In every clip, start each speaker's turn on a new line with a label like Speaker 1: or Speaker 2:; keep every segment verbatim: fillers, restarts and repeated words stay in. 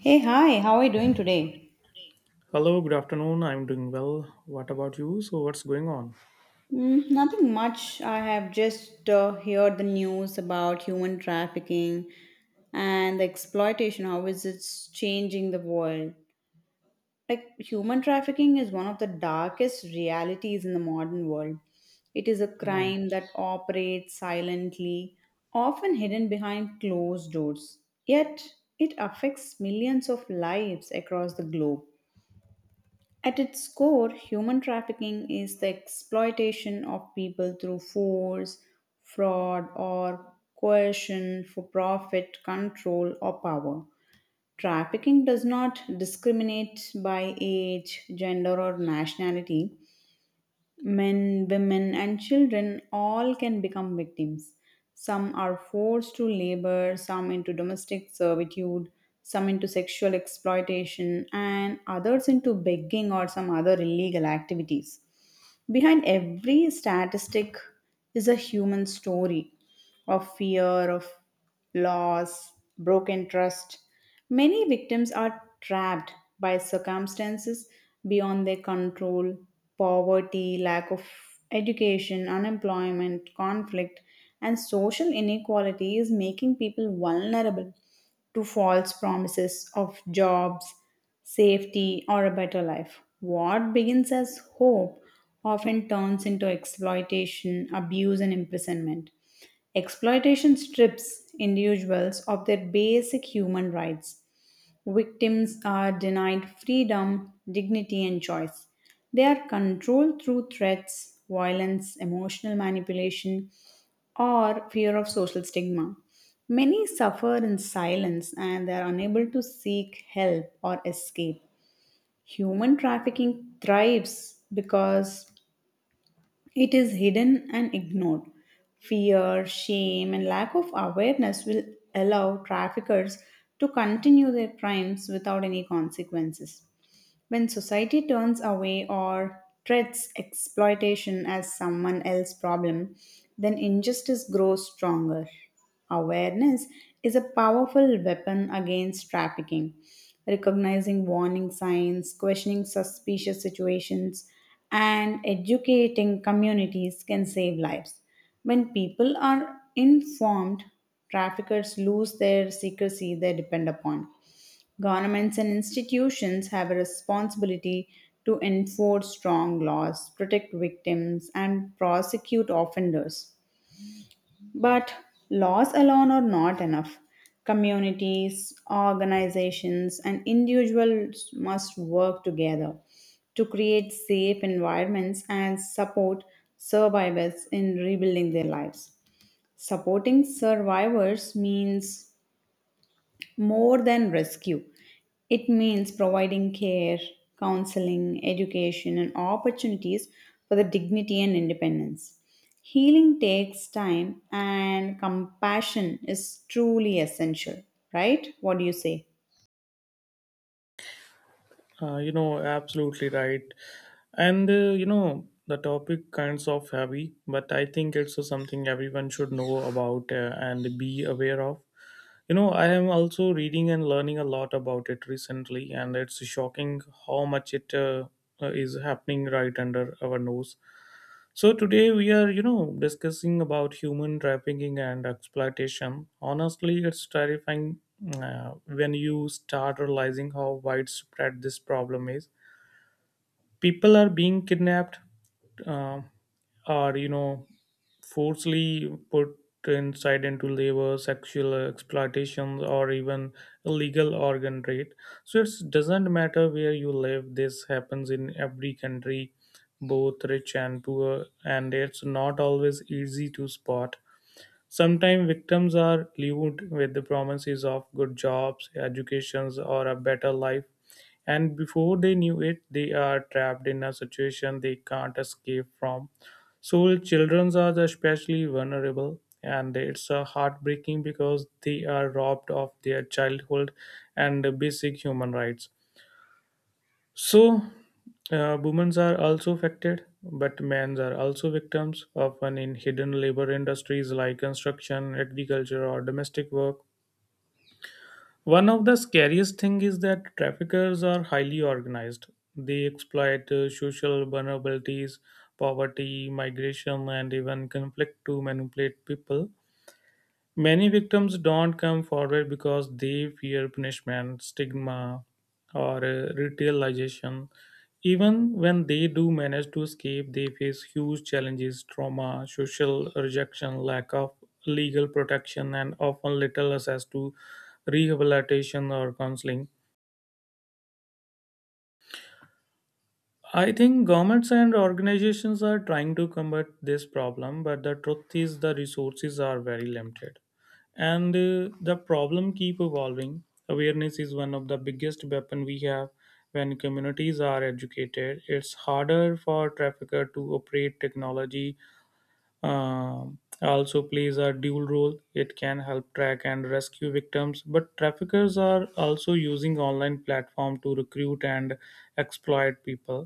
Speaker 1: Hey, hi, how are you doing today?
Speaker 2: Hello, good afternoon. I'm doing well. What about you? So, what's going on?
Speaker 1: Mm, nothing much. I have just uh, heard the news about human trafficking and the exploitation, how is it changing the world? Like, human trafficking is one of the darkest realities in the modern world. It is a
Speaker 2: Oh,
Speaker 1: crime that operates silently, often hidden behind closed doors. Yet, it affects millions of lives across the globe. At its core, human trafficking is the exploitation of people through force, fraud, or coercion for profit, control, or power. Trafficking does not discriminate by age, gender, or nationality. Men, women, and children all can become victims. Some are forced to labor, some into domestic servitude, some into sexual exploitation, and others into begging or some other illegal activities. Behind every statistic is a human story of fear, of loss, broken trust. Many victims are trapped by circumstances beyond their control poverty, lack of education, unemployment, conflict, and social inequality is making people vulnerable to false promises of jobs, safety, or a better life. What begins as hope often turns into exploitation, abuse, and imprisonment. Exploitation strips individuals of their basic human rights. Victims are denied freedom, dignity, and choice. They are controlled through threats, violence, emotional manipulation, or fear of social stigma. Many suffer in silence and they are unable to seek help or escape. Human trafficking thrives because it is hidden and ignored. Fear, shame, and lack of awareness will allow traffickers to continue their crimes without any consequences. When society turns away or treats exploitation as someone else's problem, then injustice grows stronger. Awareness is a powerful weapon against trafficking. Recognizing warning signs, questioning suspicious situations, and educating communities can save lives. When people are informed, traffickers lose their secrecy they depend upon. Governments and institutions have a responsibility to enforce strong laws, protect victims, and prosecute offenders. But laws alone are not enough. Communities, organizations, and individuals must work together to create safe environments and support survivors in rebuilding their lives. Supporting survivors means more than rescue. It means providing care, counseling, education, and opportunities for the dignity and independence. Healing takes time, and compassion is truly essential, right? What do you say?
Speaker 2: uh, you know, Absolutely right. And, uh, you know, the topic kinds of heavy, but I think it's something everyone should know about uh, and be aware of. You know, I am also reading and learning a lot about it recently, and it's shocking how much it uh, uh, is happening right under our nose. So today we are, you know, discussing about human trafficking and exploitation. Honestly, it's terrifying uh, when you start realizing how widespread this problem is. People are being kidnapped, uh, or you know, forcibly put inside into labor, sexual exploitation, or even illegal organ trade. So it doesn't matter where you live, this happens in every country, both rich and poor, and it's not always easy to spot. Sometimes victims are lured with the promises of good jobs, educations, or a better life, and before they knew it, they are trapped in a situation they can't escape from. So, children are especially vulnerable, and it's uh, heartbreaking because they are robbed of their childhood and basic human rights. So, uh, Women are also affected, but men are also victims, often in hidden labor industries like construction, agriculture, or domestic work. One of the scariest things is that traffickers are highly organized. They exploit uh, social vulnerabilities, poverty, migration, and even conflict to manipulate people. Many victims don't come forward because they fear punishment, stigma, or uh, ritualization. Even when they do manage to escape, they face huge challenges, trauma, social rejection, lack of legal protection, and often little access to rehabilitation or counseling. I think governments and organizations are trying to combat this problem, but the truth is the resources are very limited, and uh, the problem keep evolving. Awareness is one of the biggest weapon we have. When communities are educated, it's harder for trafficker to operate. Technology um, also plays a dual role. It can help track and rescue victims, but traffickers are also using online platform to recruit and exploit people.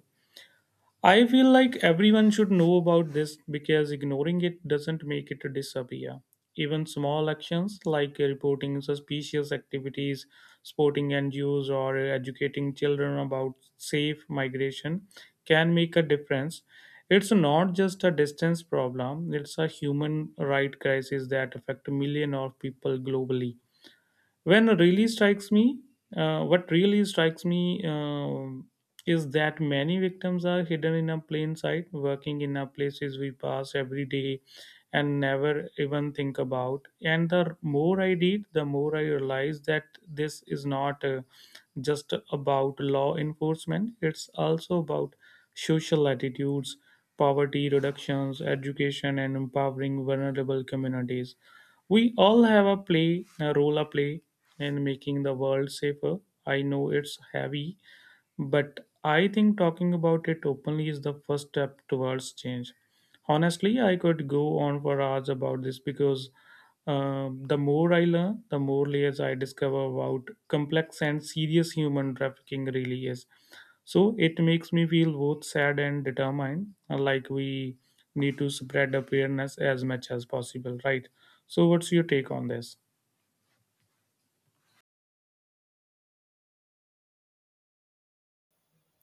Speaker 2: I feel like everyone should know about this because ignoring it doesn't make it disappear. Even small actions like reporting suspicious activities, supporting N G Os, or educating children about safe migration can make a difference. It's not just a distance problem, it's a human right crisis that affects millions of people globally. When really strikes me uh, What really strikes me um is that many victims are hidden in a plain sight, working in a places we pass every day and never even think about. And the more I read, the more I realize that this is not uh, just about law enforcement. It's also about social attitudes, poverty reductions, education, and empowering vulnerable communities. We all have a play a role a play in making the world safer. I know it's heavy, but I think talking about it openly is the first step towards change. Honestly, I could go on for hours about this because um, the more I learn, the more layers I discover about complex and serious human trafficking really is. So it makes me feel both sad and determined, uh, like we need to spread awareness as much as possible, right? So, what's your take on this?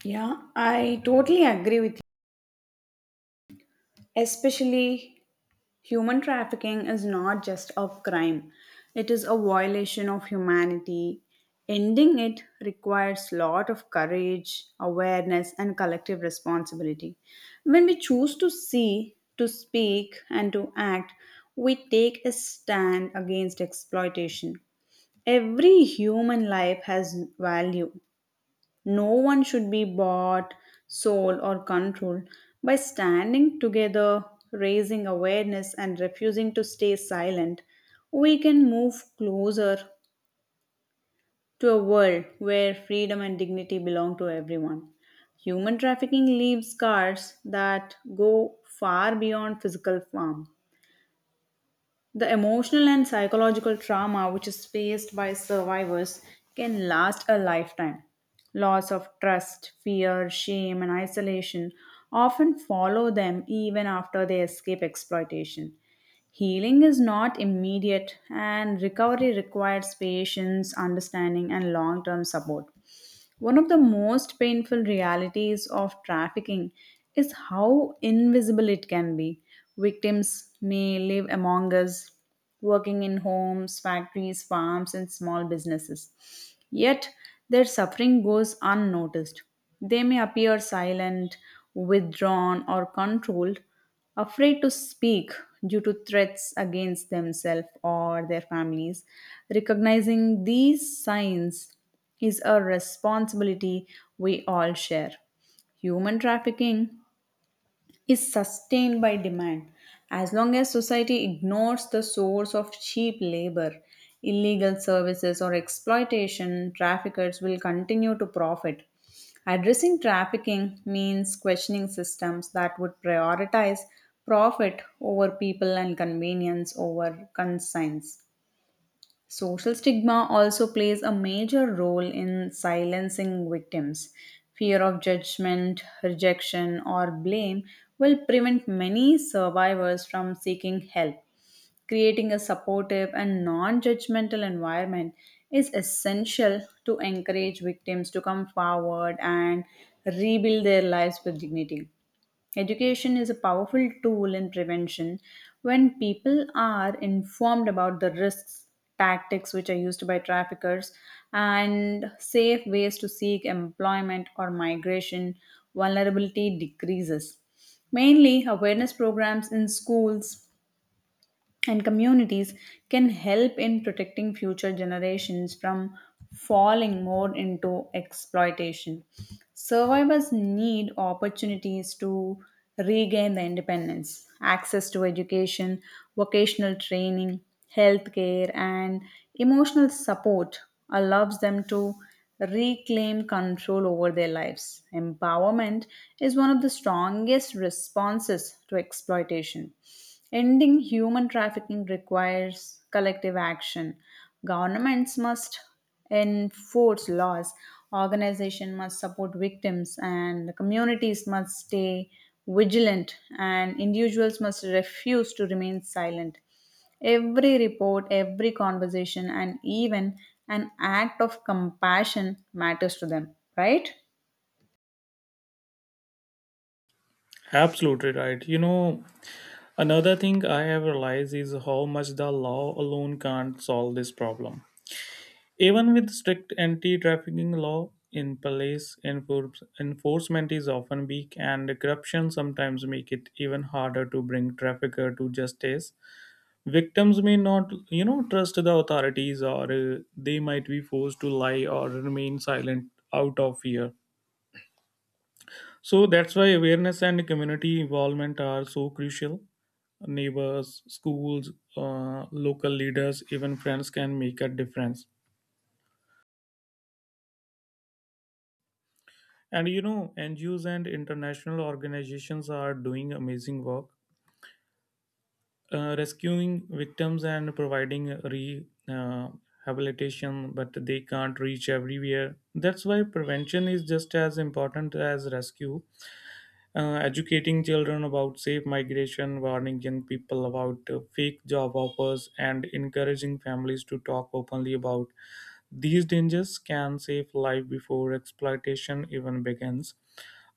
Speaker 1: Yeah, I totally agree with you, especially human trafficking is not just a crime, it is a violation of humanity. Ending it requires lot of courage, awareness, and collective responsibility. When we choose to see, to speak, and to act, we take a stand against exploitation. Every human life has value, no one should be bought, sold, or controlled. By standing together, raising awareness, and refusing to stay silent, we can move closer to a world where freedom and dignity belong to everyone. Human trafficking leaves scars that go far beyond physical harm. The emotional and psychological trauma which is faced by survivors can last a lifetime. Loss of trust, fear, shame, and isolation often follow them even after they escape exploitation. Healing is not immediate, and recovery requires patience, understanding, and long term support. One of the most painful realities of trafficking is how invisible it can be. Victims may live among us, working in homes, factories, farms, and small businesses. Yet their suffering goes unnoticed. They may appear silent, withdrawn, or controlled, afraid to speak due to threats against themselves or their families. Recognizing these signs is a responsibility we all share. Human trafficking is sustained by demand. As long as society ignores the source of cheap labor, illegal services, or exploitation, traffickers will continue to profit. Addressing trafficking means questioning systems that would prioritize profit over people and convenience over conscience. Social stigma also plays a major role in silencing victims. Fear of judgment, rejection, or blame will prevent many survivors from seeking help. Creating a supportive and non judgmental environment is essential to encourage victims to come forward and rebuild their lives with dignity. Education is a powerful tool in prevention when people are informed about the risks, tactics which are used by traffickers, and safe ways to seek employment or migration, vulnerability decreases. Mainly, awareness programs in schools, and communities can help in protecting future generations from falling more into exploitation. Survivors need opportunities to regain their independence, access to education, vocational training, healthcare, and emotional support allows them to reclaim control over their lives. Empowerment is one of the strongest responses to exploitation. Ending human trafficking requires collective action. Governments must enforce laws, organizations must support victims, and communities must stay vigilant, and individuals must refuse to remain silent. Every report, every conversation, and even an act of compassion matters to them, right?
Speaker 2: Absolutely right. You know, another thing I have realized is how much the law alone can't solve this problem. Even with strict anti trafficking law in place, enforce- enforcement is often weak, and corruption sometimes make it even harder to bring trafficker to justice. Victims may not, you know, trust the authorities, or uh, they might be forced to lie or remain silent out of fear. So that's why awareness and community involvement are so crucial. Neighbors, schools, uh, local leaders, even friends can make a difference. And you know, N G Os and international organizations are doing amazing work, uh, rescuing victims and providing re uh, habilitation, but they can't reach everywhere. That's why prevention is just as important as rescue. Uh, educating children about safe migration, warning young people about uh, fake job offers, and encouraging families to talk openly about these dangers can save life before exploitation even begins.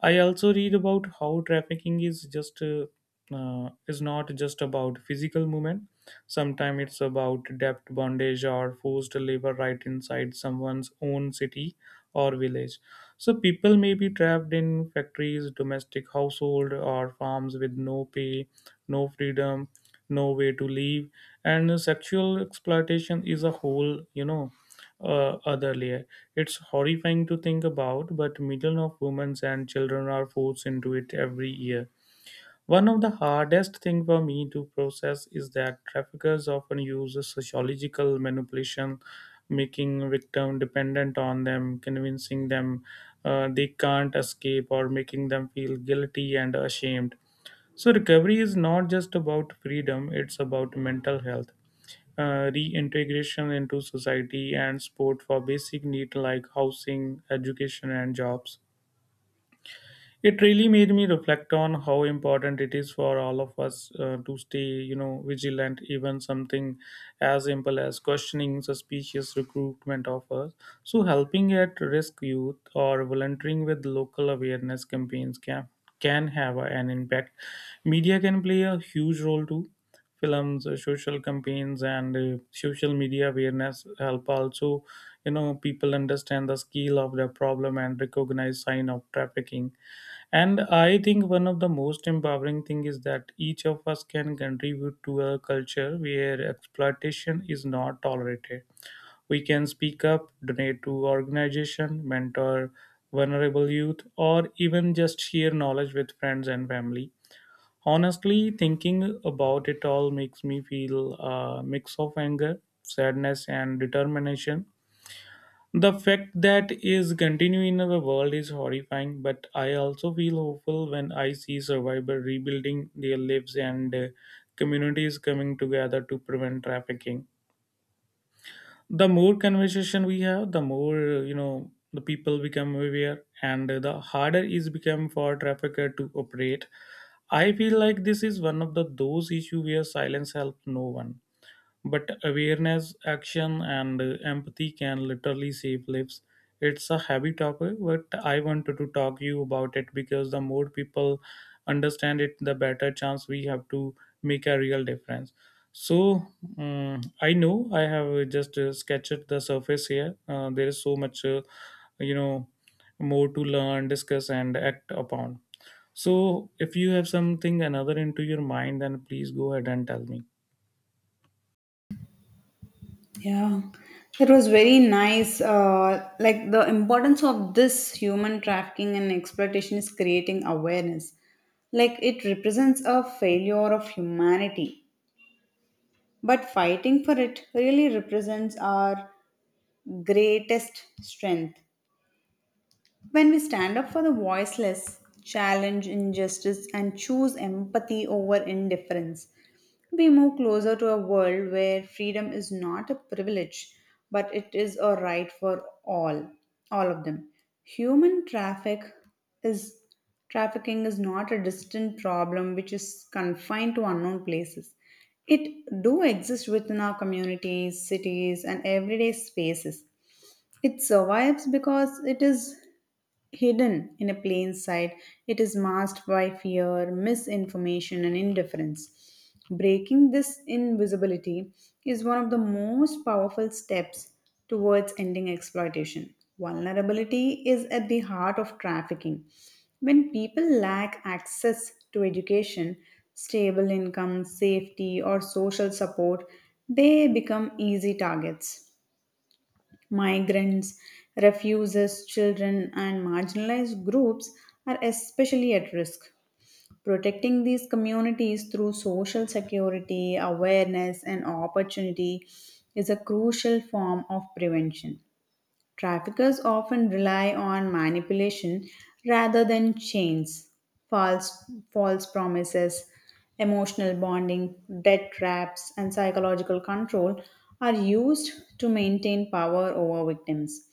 Speaker 2: I also read about how trafficking is just uh, uh, is not just about physical movement. Sometimes it's about debt bondage or forced labor right inside someone's own city or village. So people may be trapped in factories, domestic household, or farms with no pay, no freedom, no way to live. And sexual exploitation is a whole, you know uh, other layer. It's horrifying to think about, but millions of women and children are forced into it every year. One of the hardest things for me to process is that traffickers often use sociological manipulation, making victim dependent on them, convincing them uh, they can't escape, or making them feel guilty and ashamed. So recovery is not just about freedom; it's about mental health, uh, reintegration into society, and support for basic needs like housing, education, and jobs. It really made me reflect on how important it is for all of us uh, to stay, you know, vigilant. Even something as simple as questioning suspicious recruitment offers, so helping at risk youth, or volunteering with local awareness campaigns can can have an impact. Media can play a huge role too. Films, uh, social campaigns, and uh, social media awareness help also, you know, people understand the scale of the problem and recognize sign of trafficking. And I think one of the most empowering thing is that each of us can contribute to a culture where exploitation is not tolerated. We can speak up, donate to organization, mentor vulnerable youth, or even just share knowledge with friends and family. Honestly, thinking about it all makes me feel a mix of anger, sadness, and determination. The fact that is continuing in the world is horrifying, but I also feel hopeful when I see survivors rebuilding their lives, and uh, communities coming together to prevent trafficking. The more conversation we have, the more, uh, you know, the people become aware, and uh, the harder is become for trafficker to operate. I feel like this is one of the those issue where silence helps no one. But awareness, action, and uh, empathy can literally save lives. It's a heavy topic, but I wanted to talk you about it because the more people understand it, the better chance we have to make a real difference. So um, I know I have just uh, sketched the surface here. Uh, there is so much, uh, you know, more to learn, discuss, and act upon. So if you have something another into your mind, then please go ahead and tell me.
Speaker 1: Yeah, it was very nice. Uh, like the importance of this human trafficking and exploitation is creating awareness. Like it represents a failure of humanity, but fighting for it really represents our greatest strength. When we stand up for the voiceless, challenge injustice, and choose empathy over indifference, we move closer to a world where freedom is not a privilege, but it is a right for all, all of them. Human traffic is Trafficking is not a distant problem which is confined to unknown places. It do exist within our communities, cities, and everyday spaces. It survives because it is hidden in a plain sight, it is masked by fear, misinformation, and indifference. Breaking this invisibility is one of the most powerful steps towards ending exploitation. Vulnerability is at the heart of trafficking. When people lack access to education, stable income, safety, or social support, they become easy targets. Migrants, refugees, children, and marginalized groups are especially at risk. Protecting these communities through social security, awareness, and opportunity is a crucial form of prevention. Traffickers often rely on manipulation rather than chains, false, false promises, emotional bonding, debt traps, and psychological control are used to maintain power over victims.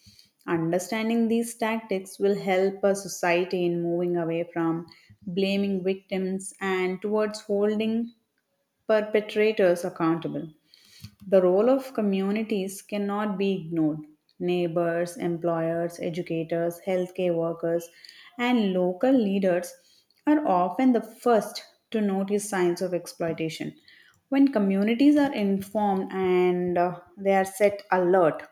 Speaker 1: Understanding these tactics will help a society in moving away from blaming victims and towards holding perpetrators accountable. The role of communities cannot be ignored. Neighbors, employers, educators, healthcare workers, and local leaders are often the first to notice signs of exploitation. When communities are informed and uh, they are set alert,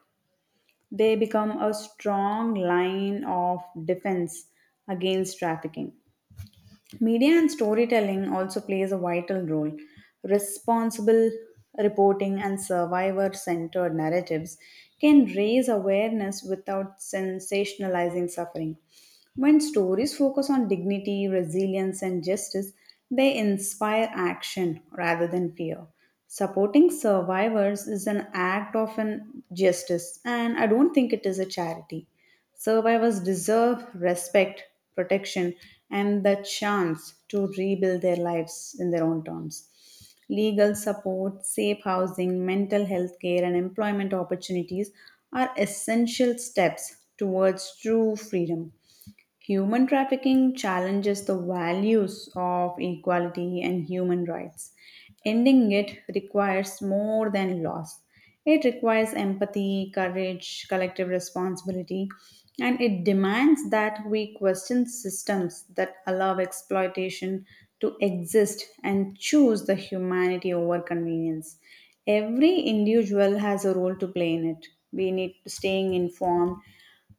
Speaker 1: they become a strong line of defense against trafficking. Media and storytelling also plays a vital role. Responsible reporting and survivor centered narratives can raise awareness without sensationalizing suffering. When stories focus on dignity, resilience, and justice, they inspire action rather than fear. Supporting survivors is an act of an justice, and I don't think it is a charity. Survivors deserve respect, protection, and the chance to rebuild their lives in their own terms. Legal support, safe housing, mental health care, and employment opportunities are essential steps towards true freedom. Human trafficking challenges the values of equality and human rights. Ending it requires more than laws. It requires empathy, courage, collective responsibility, and it demands that we question systems that allow exploitation to exist and choose the humanity over convenience every individual has a role to play in it we need to staying informed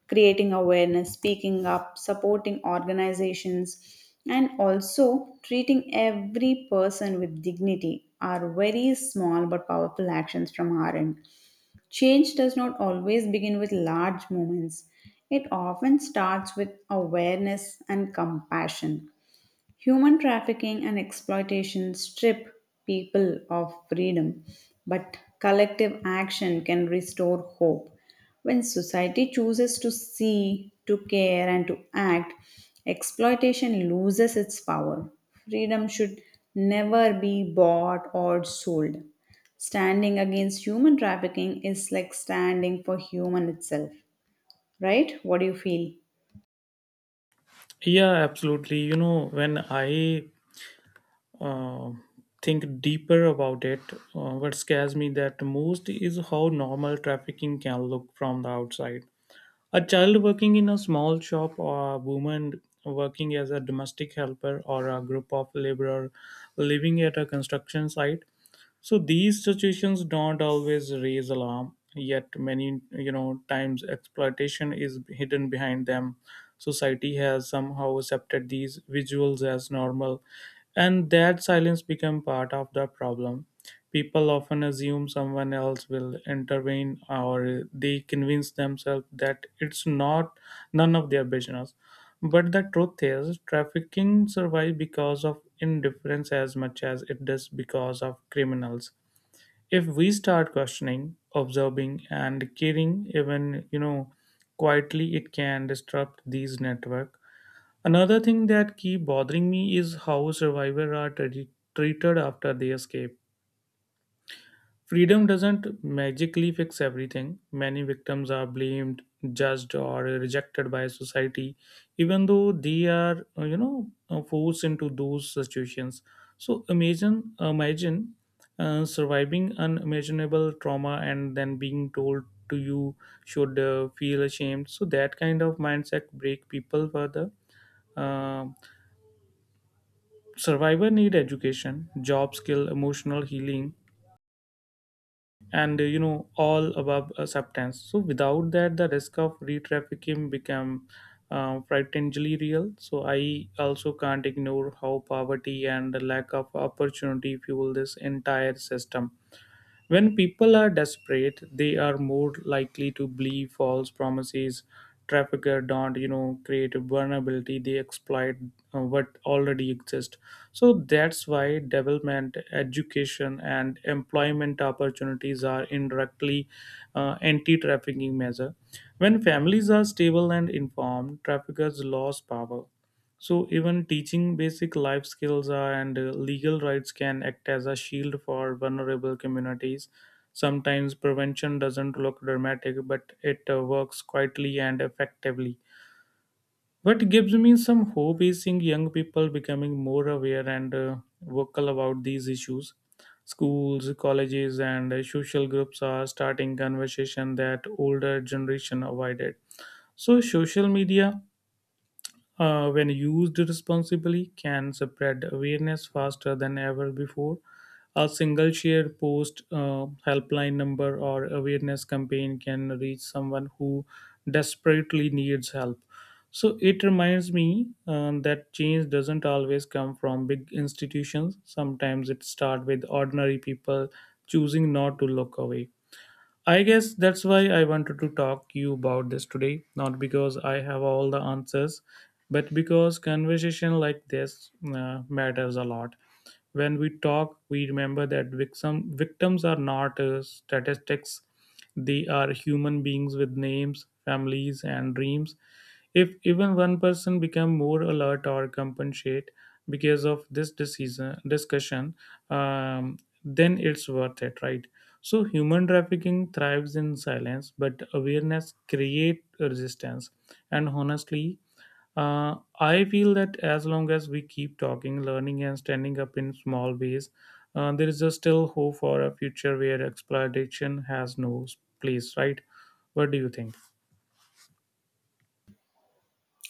Speaker 1: creating awareness, speaking up, supporting organizations, and also treating every person with dignity are very small but powerful actions from our end. Change does not always begin with large moments, it often starts with awareness and compassion. Human trafficking and exploitation strip people of freedom, but collective action can restore hope. When society chooses to see, to care, and to act, exploitation loses its power. Freedom should never be bought or sold. Standing against human trafficking is like standing for human itself, right? What do you feel?
Speaker 2: Yeah, absolutely. You know, when I uh, think deeper about it, uh, what scares me that most is how normal trafficking can look from the outside. A child working in a small shop, or a woman working as a domestic helper, or a group of laborers living at a construction site, so these situations don't always raise alarm, yet many, you know, times exploitation is hidden behind them. Society has somehow accepted these visuals as normal, and that silence become part of the problem. People often assume someone else will intervene, or they convince themselves that it's not none of their business. But the truth is, trafficking survives because of indifference as much as it does because of criminals. If we start questioning, observing, and caring, even, you know, quietly, it can disrupt these network. Another thing that keep bothering me is how survivors are tre- treated after they escape. Freedom doesn't magically fix everything. Many victims are blamed, judged, or rejected by society, even though they are, uh, you know, uh, forced into those situations. So imagine, imagine uh, surviving unimaginable trauma and then being told to you should uh, feel ashamed. So that kind of mindset break people further. Uh, Survivor need education, job skill, emotional healing, and uh, you know, all above uh, substance. So without that the risk of re-trafficking become uh, frighteningly real. So I also can't ignore how poverty and the lack of opportunity fuel this entire system. When people are desperate, they are more likely to believe false promises. Trafficker don't, you know, create a vulnerability. They exploit uh, what already exists. So that's why development, education, and employment opportunities are indirectly uh, anti-trafficking measure. When families are stable and informed, traffickers lose power. So even teaching basic life skills uh, and uh, legal rights can act as a shield for vulnerable communities. Sometimes prevention doesn't look dramatic, but it uh, works quietly and effectively. What gives me some hope is seeing young people becoming more aware and uh, vocal about these issues. Schools, colleges, and uh, social groups are starting conversation that older generation avoided. So social media, uh, when used responsibly, can spread awareness faster than ever before. A single shared post, uh, helpline number, or awareness campaign can reach someone who desperately needs help. So it reminds me um, that change doesn't always come from big institutions. Sometimes it starts with ordinary people choosing not to look away. I guess that's why I wanted to talk you about this today, not because I have all the answers, but because conversation like this uh, matters a lot. When we talk, we remember that victim, victims are not uh, statistics. They are human beings with names, families, and dreams. If even one person become more alert or compensate because of this decision discussion, um, then it's worth it, right? So human trafficking thrives in silence, but awareness create resistance. And honestly, uh, I feel that as long as we keep talking, learning, and standing up in small ways, uh, there is a still hope for a future where exploitation has no place, right? What do you think?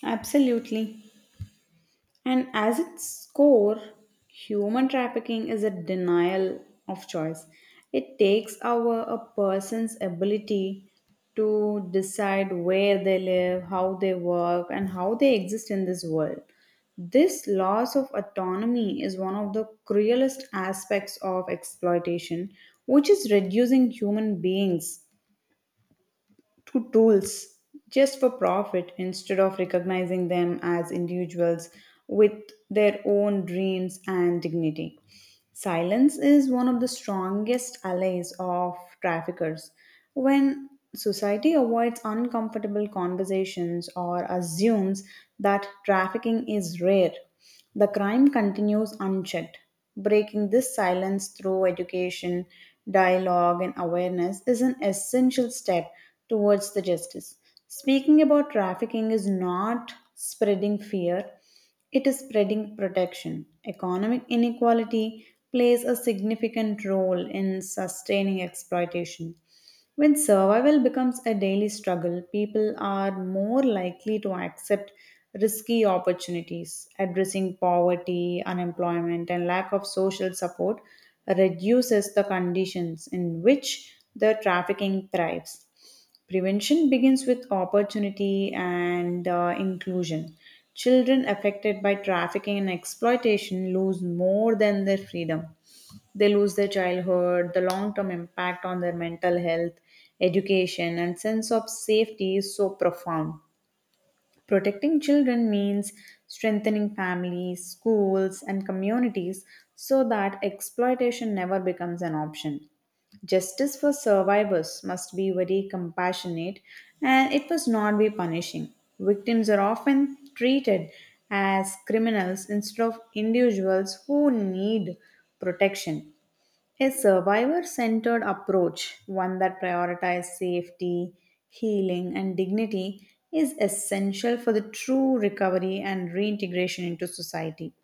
Speaker 1: Absolutely. And as its core, human trafficking is a denial of choice. It takes away a person's ability to decide where they live, how they work, and how they exist in this world. This loss of autonomy is one of the cruelest aspects of exploitation, which is reducing human beings to tools just for profit instead of recognizing them as individuals with their own dreams and dignity. Silence is one of the strongest allies of traffickers. When society avoids uncomfortable conversations or assumes that trafficking is rare, the crime continues unchecked. Breaking this silence through education, dialogue, and awareness is an essential step towards the justice. Speaking about trafficking is not spreading fear, it is spreading protection. Economic inequality plays a significant role in sustaining exploitation. When survival becomes a daily struggle, people are more likely to accept risky opportunities. Addressing poverty, unemployment, and lack of social support reduces the conditions in which the trafficking thrives. Prevention begins with opportunity and uh, inclusion. Children affected by trafficking and exploitation lose more than their freedom. They lose their childhood, the long term impact on their mental health, education, and sense of safety is so profound. Protecting children means strengthening families, schools, and communities so that exploitation never becomes an option. Justice for survivors must be very compassionate and it must not be punishing. Victims are often treated as criminals instead of individuals who need protection. A survivor centered approach, one that prioritizes safety, healing, and dignity, is essential for the true recovery and reintegration into society.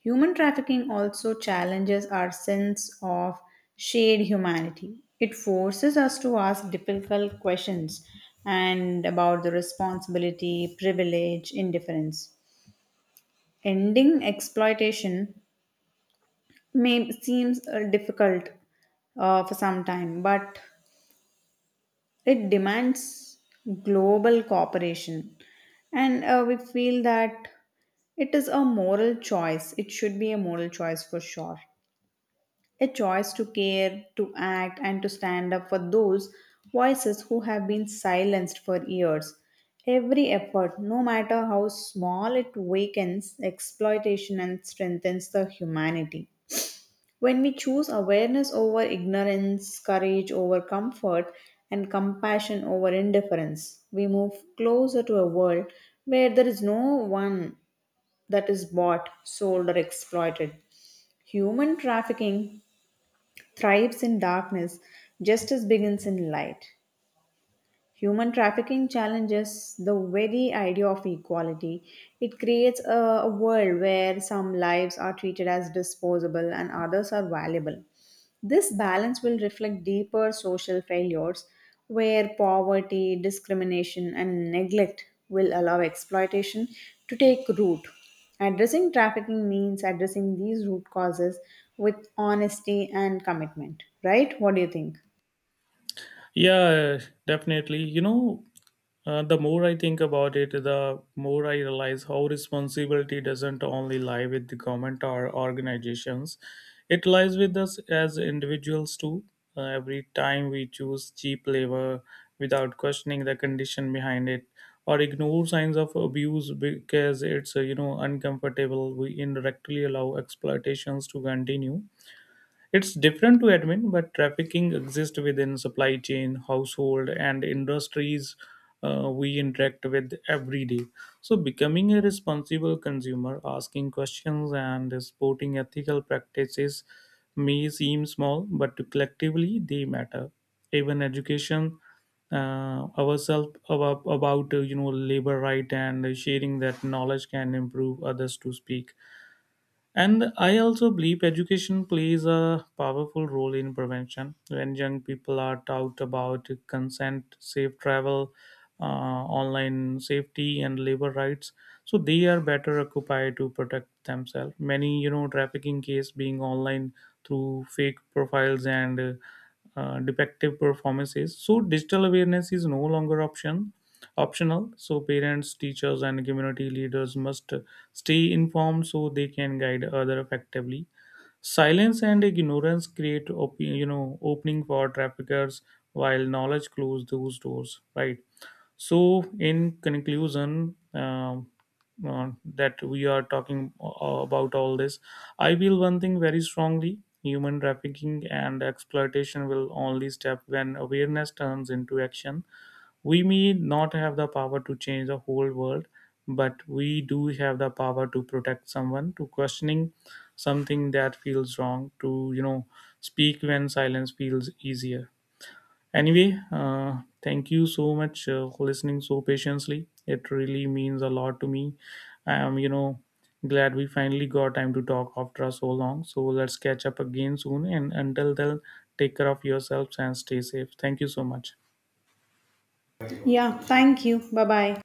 Speaker 1: Human trafficking also challenges our sense of shared humanity. It forces us to ask difficult questions and about the responsibility, privilege, indifference. Ending exploitation may seems uh, difficult uh, for some time, but it demands global cooperation, and uh, we feel that it is a moral choice. It should be a moral choice for sure, a choice to care, to act, and to stand up for those voices who have been silenced for years. Every effort, no matter how small, it wakens exploitation and strengthens the humanity. When we choose awareness over ignorance, courage over comfort, and compassion over indifference, we move closer to a world where there is no one that is bought, sold, or exploited. Human trafficking thrives in darkness, justice begins in light. Human trafficking challenges the very idea of equality. It creates a, a world where some lives are treated as disposable and others are valuable. This balance will reflect deeper social failures where poverty, discrimination, and neglect will allow exploitation to take root. Addressing trafficking means addressing these root causes with honesty and commitment, right? What do you think?
Speaker 2: Yeah, definitely. You know, uh, the more I think about it, the more I realize how responsibility doesn't only lie with the government or organizations. It lies with us as individuals too. Uh, every time we choose cheap labor without questioning the condition behind it, or ignore signs of abuse because it's, uh, you know, uncomfortable, we indirectly allow exploitations to continue. It's different to admin, but trafficking exists within supply chain, household, and industries uh, we interact with every day. So, becoming a responsible consumer, asking questions, and supporting ethical practices may seem small, but collectively they matter. Even education uh, ourselves about, about uh, you know, labor right, and sharing that knowledge can improve others to speak. And I also believe education plays a powerful role in prevention. When young people are taught about consent, safe travel, uh, online safety, and labor rights, so they are better occupied to protect themselves. Many, you know, trafficking case being online through fake profiles and uh, uh, defective performances. So digital awareness is no longer option optional. So parents, teachers, and community leaders must stay informed so they can guide other effectively. Silence and ignorance create op- you know, opening for traffickers, while knowledge close those doors, right? So in conclusion, um, uh, that we are talking uh, about all this, I feel one thing very strongly: human trafficking and exploitation will only stop when awareness turns into action. We may not have the power to change the whole world, but we do have the power to protect someone, to questioning something that feels wrong, to, you know, speak when silence feels easier. Anyway, uh, thank you so much uh, for listening so patiently. It really means a lot to me. I am, you know, glad we finally got time to talk after so long. So let's catch up again soon. And until then, take care of yourselves and stay safe. Thank you so much.
Speaker 1: Yeah, thank you. Bye bye.